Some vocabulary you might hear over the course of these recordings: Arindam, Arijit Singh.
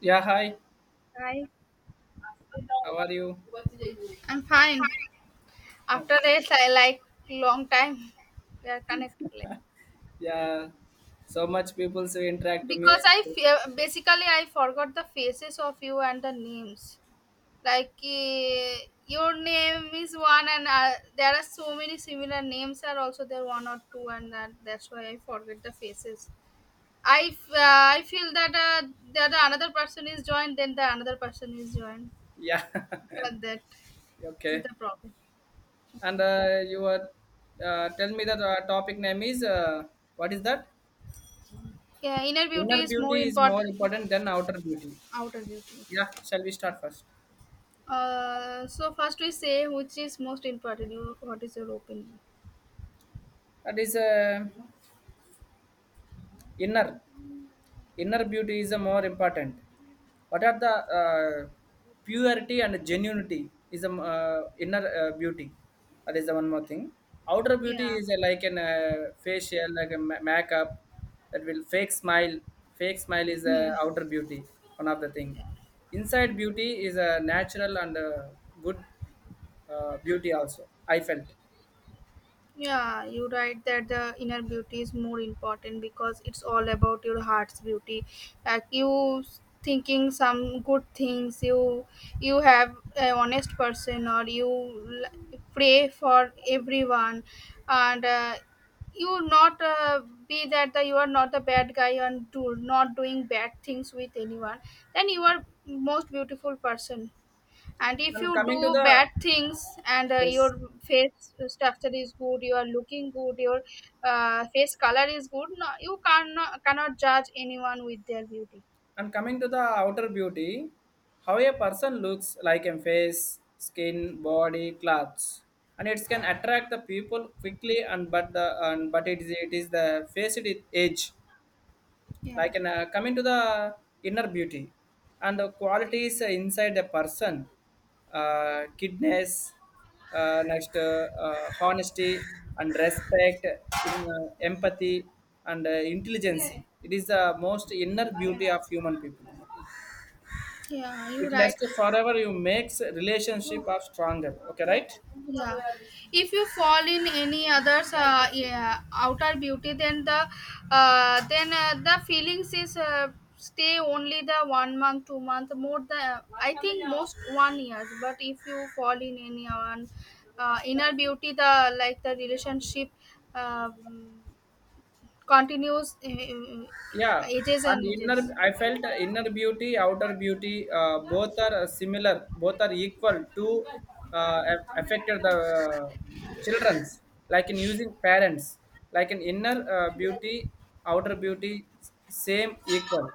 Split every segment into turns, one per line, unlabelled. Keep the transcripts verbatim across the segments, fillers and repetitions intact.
Yeah, hi.
Hi.
How are you?
I'm fine.
Oh,
After this, I like long time we are connected like-
yeah, so much people so interact to me.
because I fe- basically I forgot the faces of you and the names. Like eh, your name is one, and uh, there are so many similar names are also there one or two, and that that's why I forget the faces. I f- uh, I feel that uh, that the another person is joined, then the another person is joined.
Yeah,
After that, this is
okay.
the problem.
And uh, you were uh, tell me that uh, topic name is uh, what is that?
Yeah, inner beauty
Inner
is more
beauty is more
important.
important than outer beauty.
Outer beauty.
Yeah, shall we start first?
Uh, so first we say which is most important. You, what is your opinion?
That is uh, inner. Inner beauty is the more important. What are the uh, Purity and genuinity is a uh, inner uh, beauty, that is the one more thing. Outer beauty
Yeah.
is uh, like an uh, facial, like a ma- makeup, that will fake smile. Fake smile is a outer beauty, one of the thing. Inside beauty is a natural and uh, good uh, beauty also, I felt.
Yeah, you write that the inner beauty is more important because it's all about your heart's beauty. Like you thinking some good things, you you have a honest person, or you l- pray for everyone, and uh, you not uh, be that the, you are not the bad guy and do not doing bad things with anyone. Then you are most beautiful person, and if
and
you
coming to
do
the
bad things and uh, your
yes.
face structure is good, you are looking good, your uh, face color is good, no, you cannot cannot judge anyone with their beauty.
And coming to the outer beauty, how a person looks like in face, skin, body, clothes, and it can attract the people quickly. And but the and but it is it is the face, it is age.
Yeah,
Like in, uh, coming to the inner beauty, and the qualities inside the person, uh, kindness, uh, next uh, uh, honesty and respect, em- uh, empathy and uh, intelligence. It is the most inner beauty of human people.
yeah, you're
It
right.
lasts forever, you makes relationship are stronger. Okay, right.
Yeah, if you fall in any others uh, yeah, outer beauty, then the uh, then uh, the feelings is uh, stay only the one month two month more, the I think most one year. But if you fall in any uh, one uh, inner beauty, the like the relationship um continues uh, uh,
Yeah,
ages
and
and ages
inner. I felt inner beauty outer beauty, uh, both are uh, similar, both are equal to uh, af- affected the uh, children's, like in using parents, like in inner uh, beauty, outer beauty, s- same equal.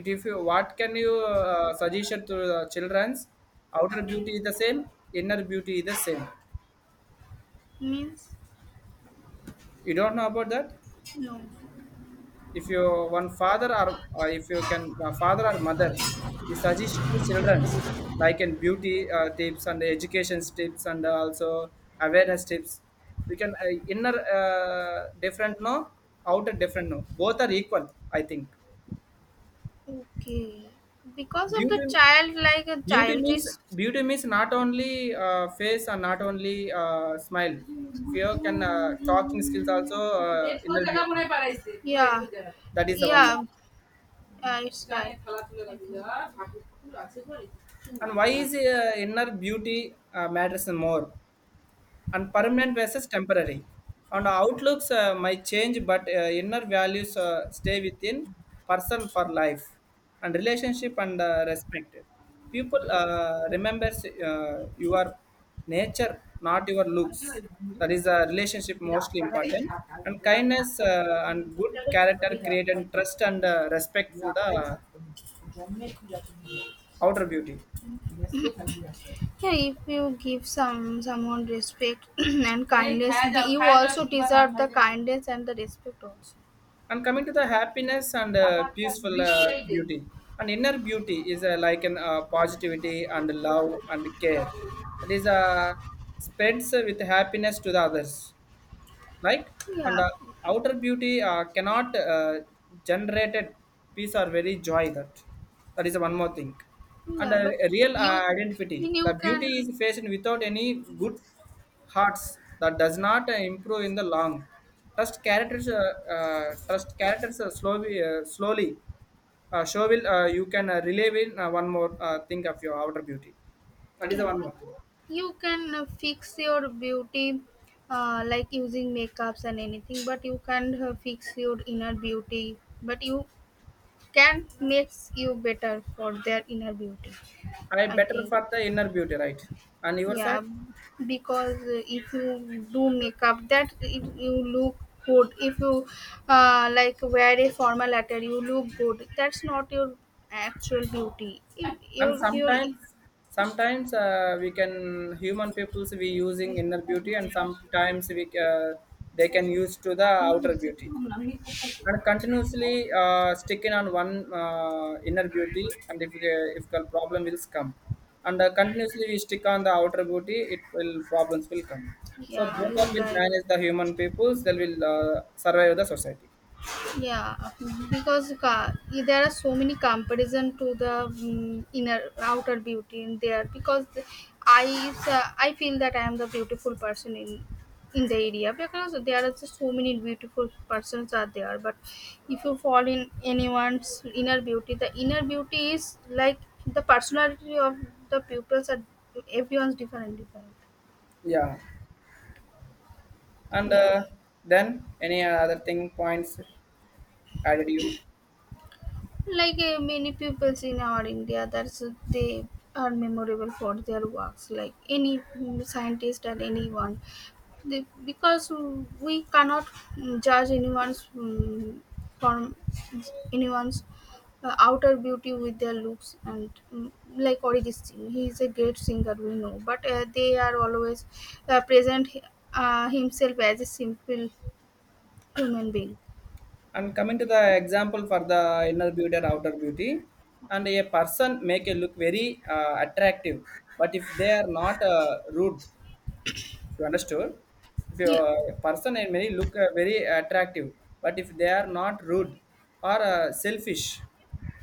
It if you what can you uh, suggestion to the children's, outer beauty is the same, inner beauty is the same,
means
you don't know about that.
no.
If your one father or uh, if you can uh, father or mother, he suggests to childrens, like in beauty uh, tips and education tips and also awareness tips, we can uh, inner uh, different no, outer different no, both are equal, I think.
Okay. Because of the
beauty
child, like a
beauty means,
childish.
beauty means not only uh, face and not only uh, smile. If you can uh, talking skills also, uh, inner beauty,
Yeah, yeah,
that is the one.
yeah. It's right.
And why is uh, inner beauty uh, matters more? And permanent versus temporary. And outlooks uh, might change, but uh, inner values uh, stay within person for life. And relationship and uh, respect. People uh, remembers uh, your nature, not your looks. That is a relationship mostly important. And kindness uh, and good character create and trust and uh, respect for the outer beauty.
Yeah, if you give some someone respect and এই kindness, the, you also deserve the kindness and the respect also.
And coming to the happiness and uh, peaceful uh, beauty, and inner beauty is uh, like an uh, positivity and love and care. It is uh, spreads with happiness to the others, like. And
Yeah,
uh, outer beauty uh, cannot uh, generated peace or very joy, that that is one more thing. And
yeah,
uh,
but
real uh,
you,
identity, the
you
beauty
can.
is faced without any good hearts, that does not uh, improve in the long trust characters, uh, uh, trust characters uh, slowly uh, slowly uh, show will, uh, you can uh, relieve in uh, one more uh, thing of your outer beauty, that is the
Yeah,
one more thing.
you can uh, fix your beauty uh, like using makeups and anything, but you can't uh, fix your inner beauty. But you can makes you better for their inner beauty.
I
I
better
think.
for the inner beauty, right? And your
Yeah,
side.
because uh, if you do makeup, that it, you look good. If you uh, like wear a formal attire, you look good. That's not your actual beauty. If
and
your your
sometimes sometimes uh, we can human peoples, we using inner beauty and sometimes we uh, they can use to the outer beauty, and continuously uh, sticking on one uh, inner beauty, and if the- if the problem will come, and uh, continuously we stick on the outer beauty, it will problems will come. So
yeah,
both are
you're
will
right.
manage the human peoples, they will uh, survive the society.
Yeah, mhm, because ca- there are so many comparison to the mm inner outer beauty in there because the- I uh, I feel that I am the beautiful person in in the area because there are just so many beautiful persons are there. But if you fall in anyone's inner beauty, the inner beauty is like the personality of the pupils are everyone's different different.
Yeah, and
Yeah,
uh, then, any other thing points added you?
like uh, many pupils in our India that's uh, they are memorable for their works like any mm, scientist or anyone they, because we cannot mm, judge anyone's mm, from anyone's uh, outer beauty with their looks and mm, like Arijit Singh, he is a great singer we know, but uh, they are always uh, present uh, himself as a simple human being.
And coming to the example for the inner beauty or outer beauty, and a person make a look very uh, attractive, but if they are not uh, rude, you understood? If you,
Yeah,
a person and may look uh, very attractive, but if they are not rude or uh, selfish,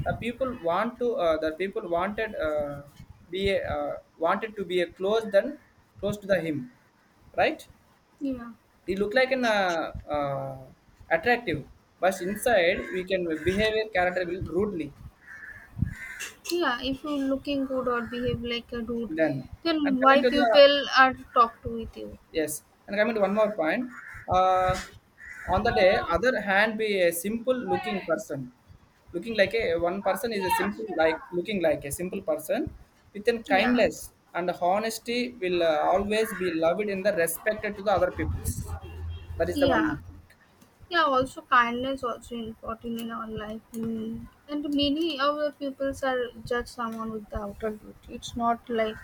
the people want to uh, the people wanted uh, be a, uh, wanted to be a close than close to the him, right?
yeah.
They look like an uh, uh, attractive, but inside we can behavior character will rudely.
Yeah, if you're looking good or behave like a dude,
Then, and
then
coming
why
to the
people are talk to with you?
yes, and coming to one more point, uh, on the day other hand, be a simple looking person, looking like a one person is a simple, like looking like a simple person with an
Yeah.
kindness and honesty, will uh, always be loved in the respected to the other peoples. That is the one
Yeah.
more thing.
Yeah, also kindness also important in our life. Mm. And many of the peoples are judge someone with the outer beauty. It's not like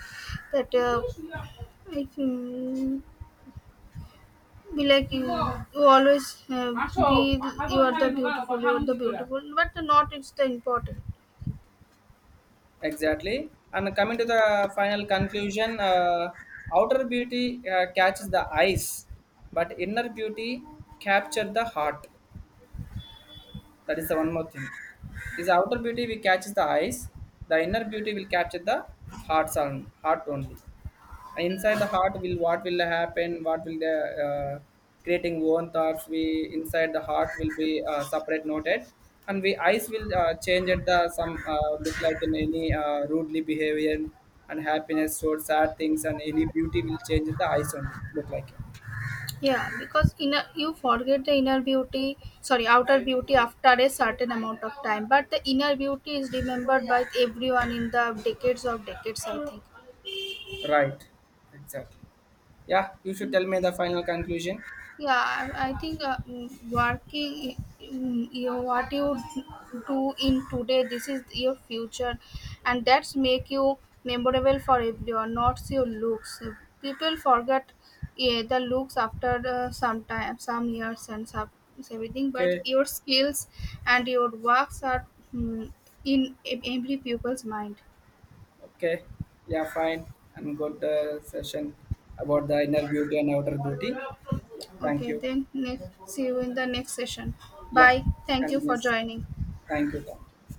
that uh, if you be like you, you always uh, be the- you are the beautiful, you are the beautiful, but not it's the important.
Exactly. And coming to the final conclusion, uh, outer beauty uh, catches the eyes, but inner beauty captures the heart. That is the one more thing. Is outer beauty will catches the eyes, the inner beauty will capture the hearts on heart only, inside the heart will what will happen, what will the uh, creating own thoughts we inside the heart will be uh, separate noted, and we eyes will uh, change at the some uh, look, like in any uh, rudely behavior and happiness or sad things, and any beauty will change at the eyes only look like it.
Yeah, because inner you forget the inner beauty, sorry, outer beauty after a certain amount of time, but the inner beauty is remembered by everyone in the decades of decades, I think.
Right, exactly. Yeah, you should tell me the final conclusion.
Yeah, i, I think uh, mm, working mm, you what you do in today, this is your future, and that's make you memorable for everyone, not your looks. People forget, yeah, the looks after uh, some time, some years and some everything, but
Okay.
your skills and your works are mm, in ev- every pupil's mind.
Okay, yeah, fine. And good uh, session about the inner beauty and outer beauty. Yeah, thank
Okay,
you.
then next see you in the next session.
Yeah,
Bye, thank you for
continuous.
joining.
Thank you, thank you.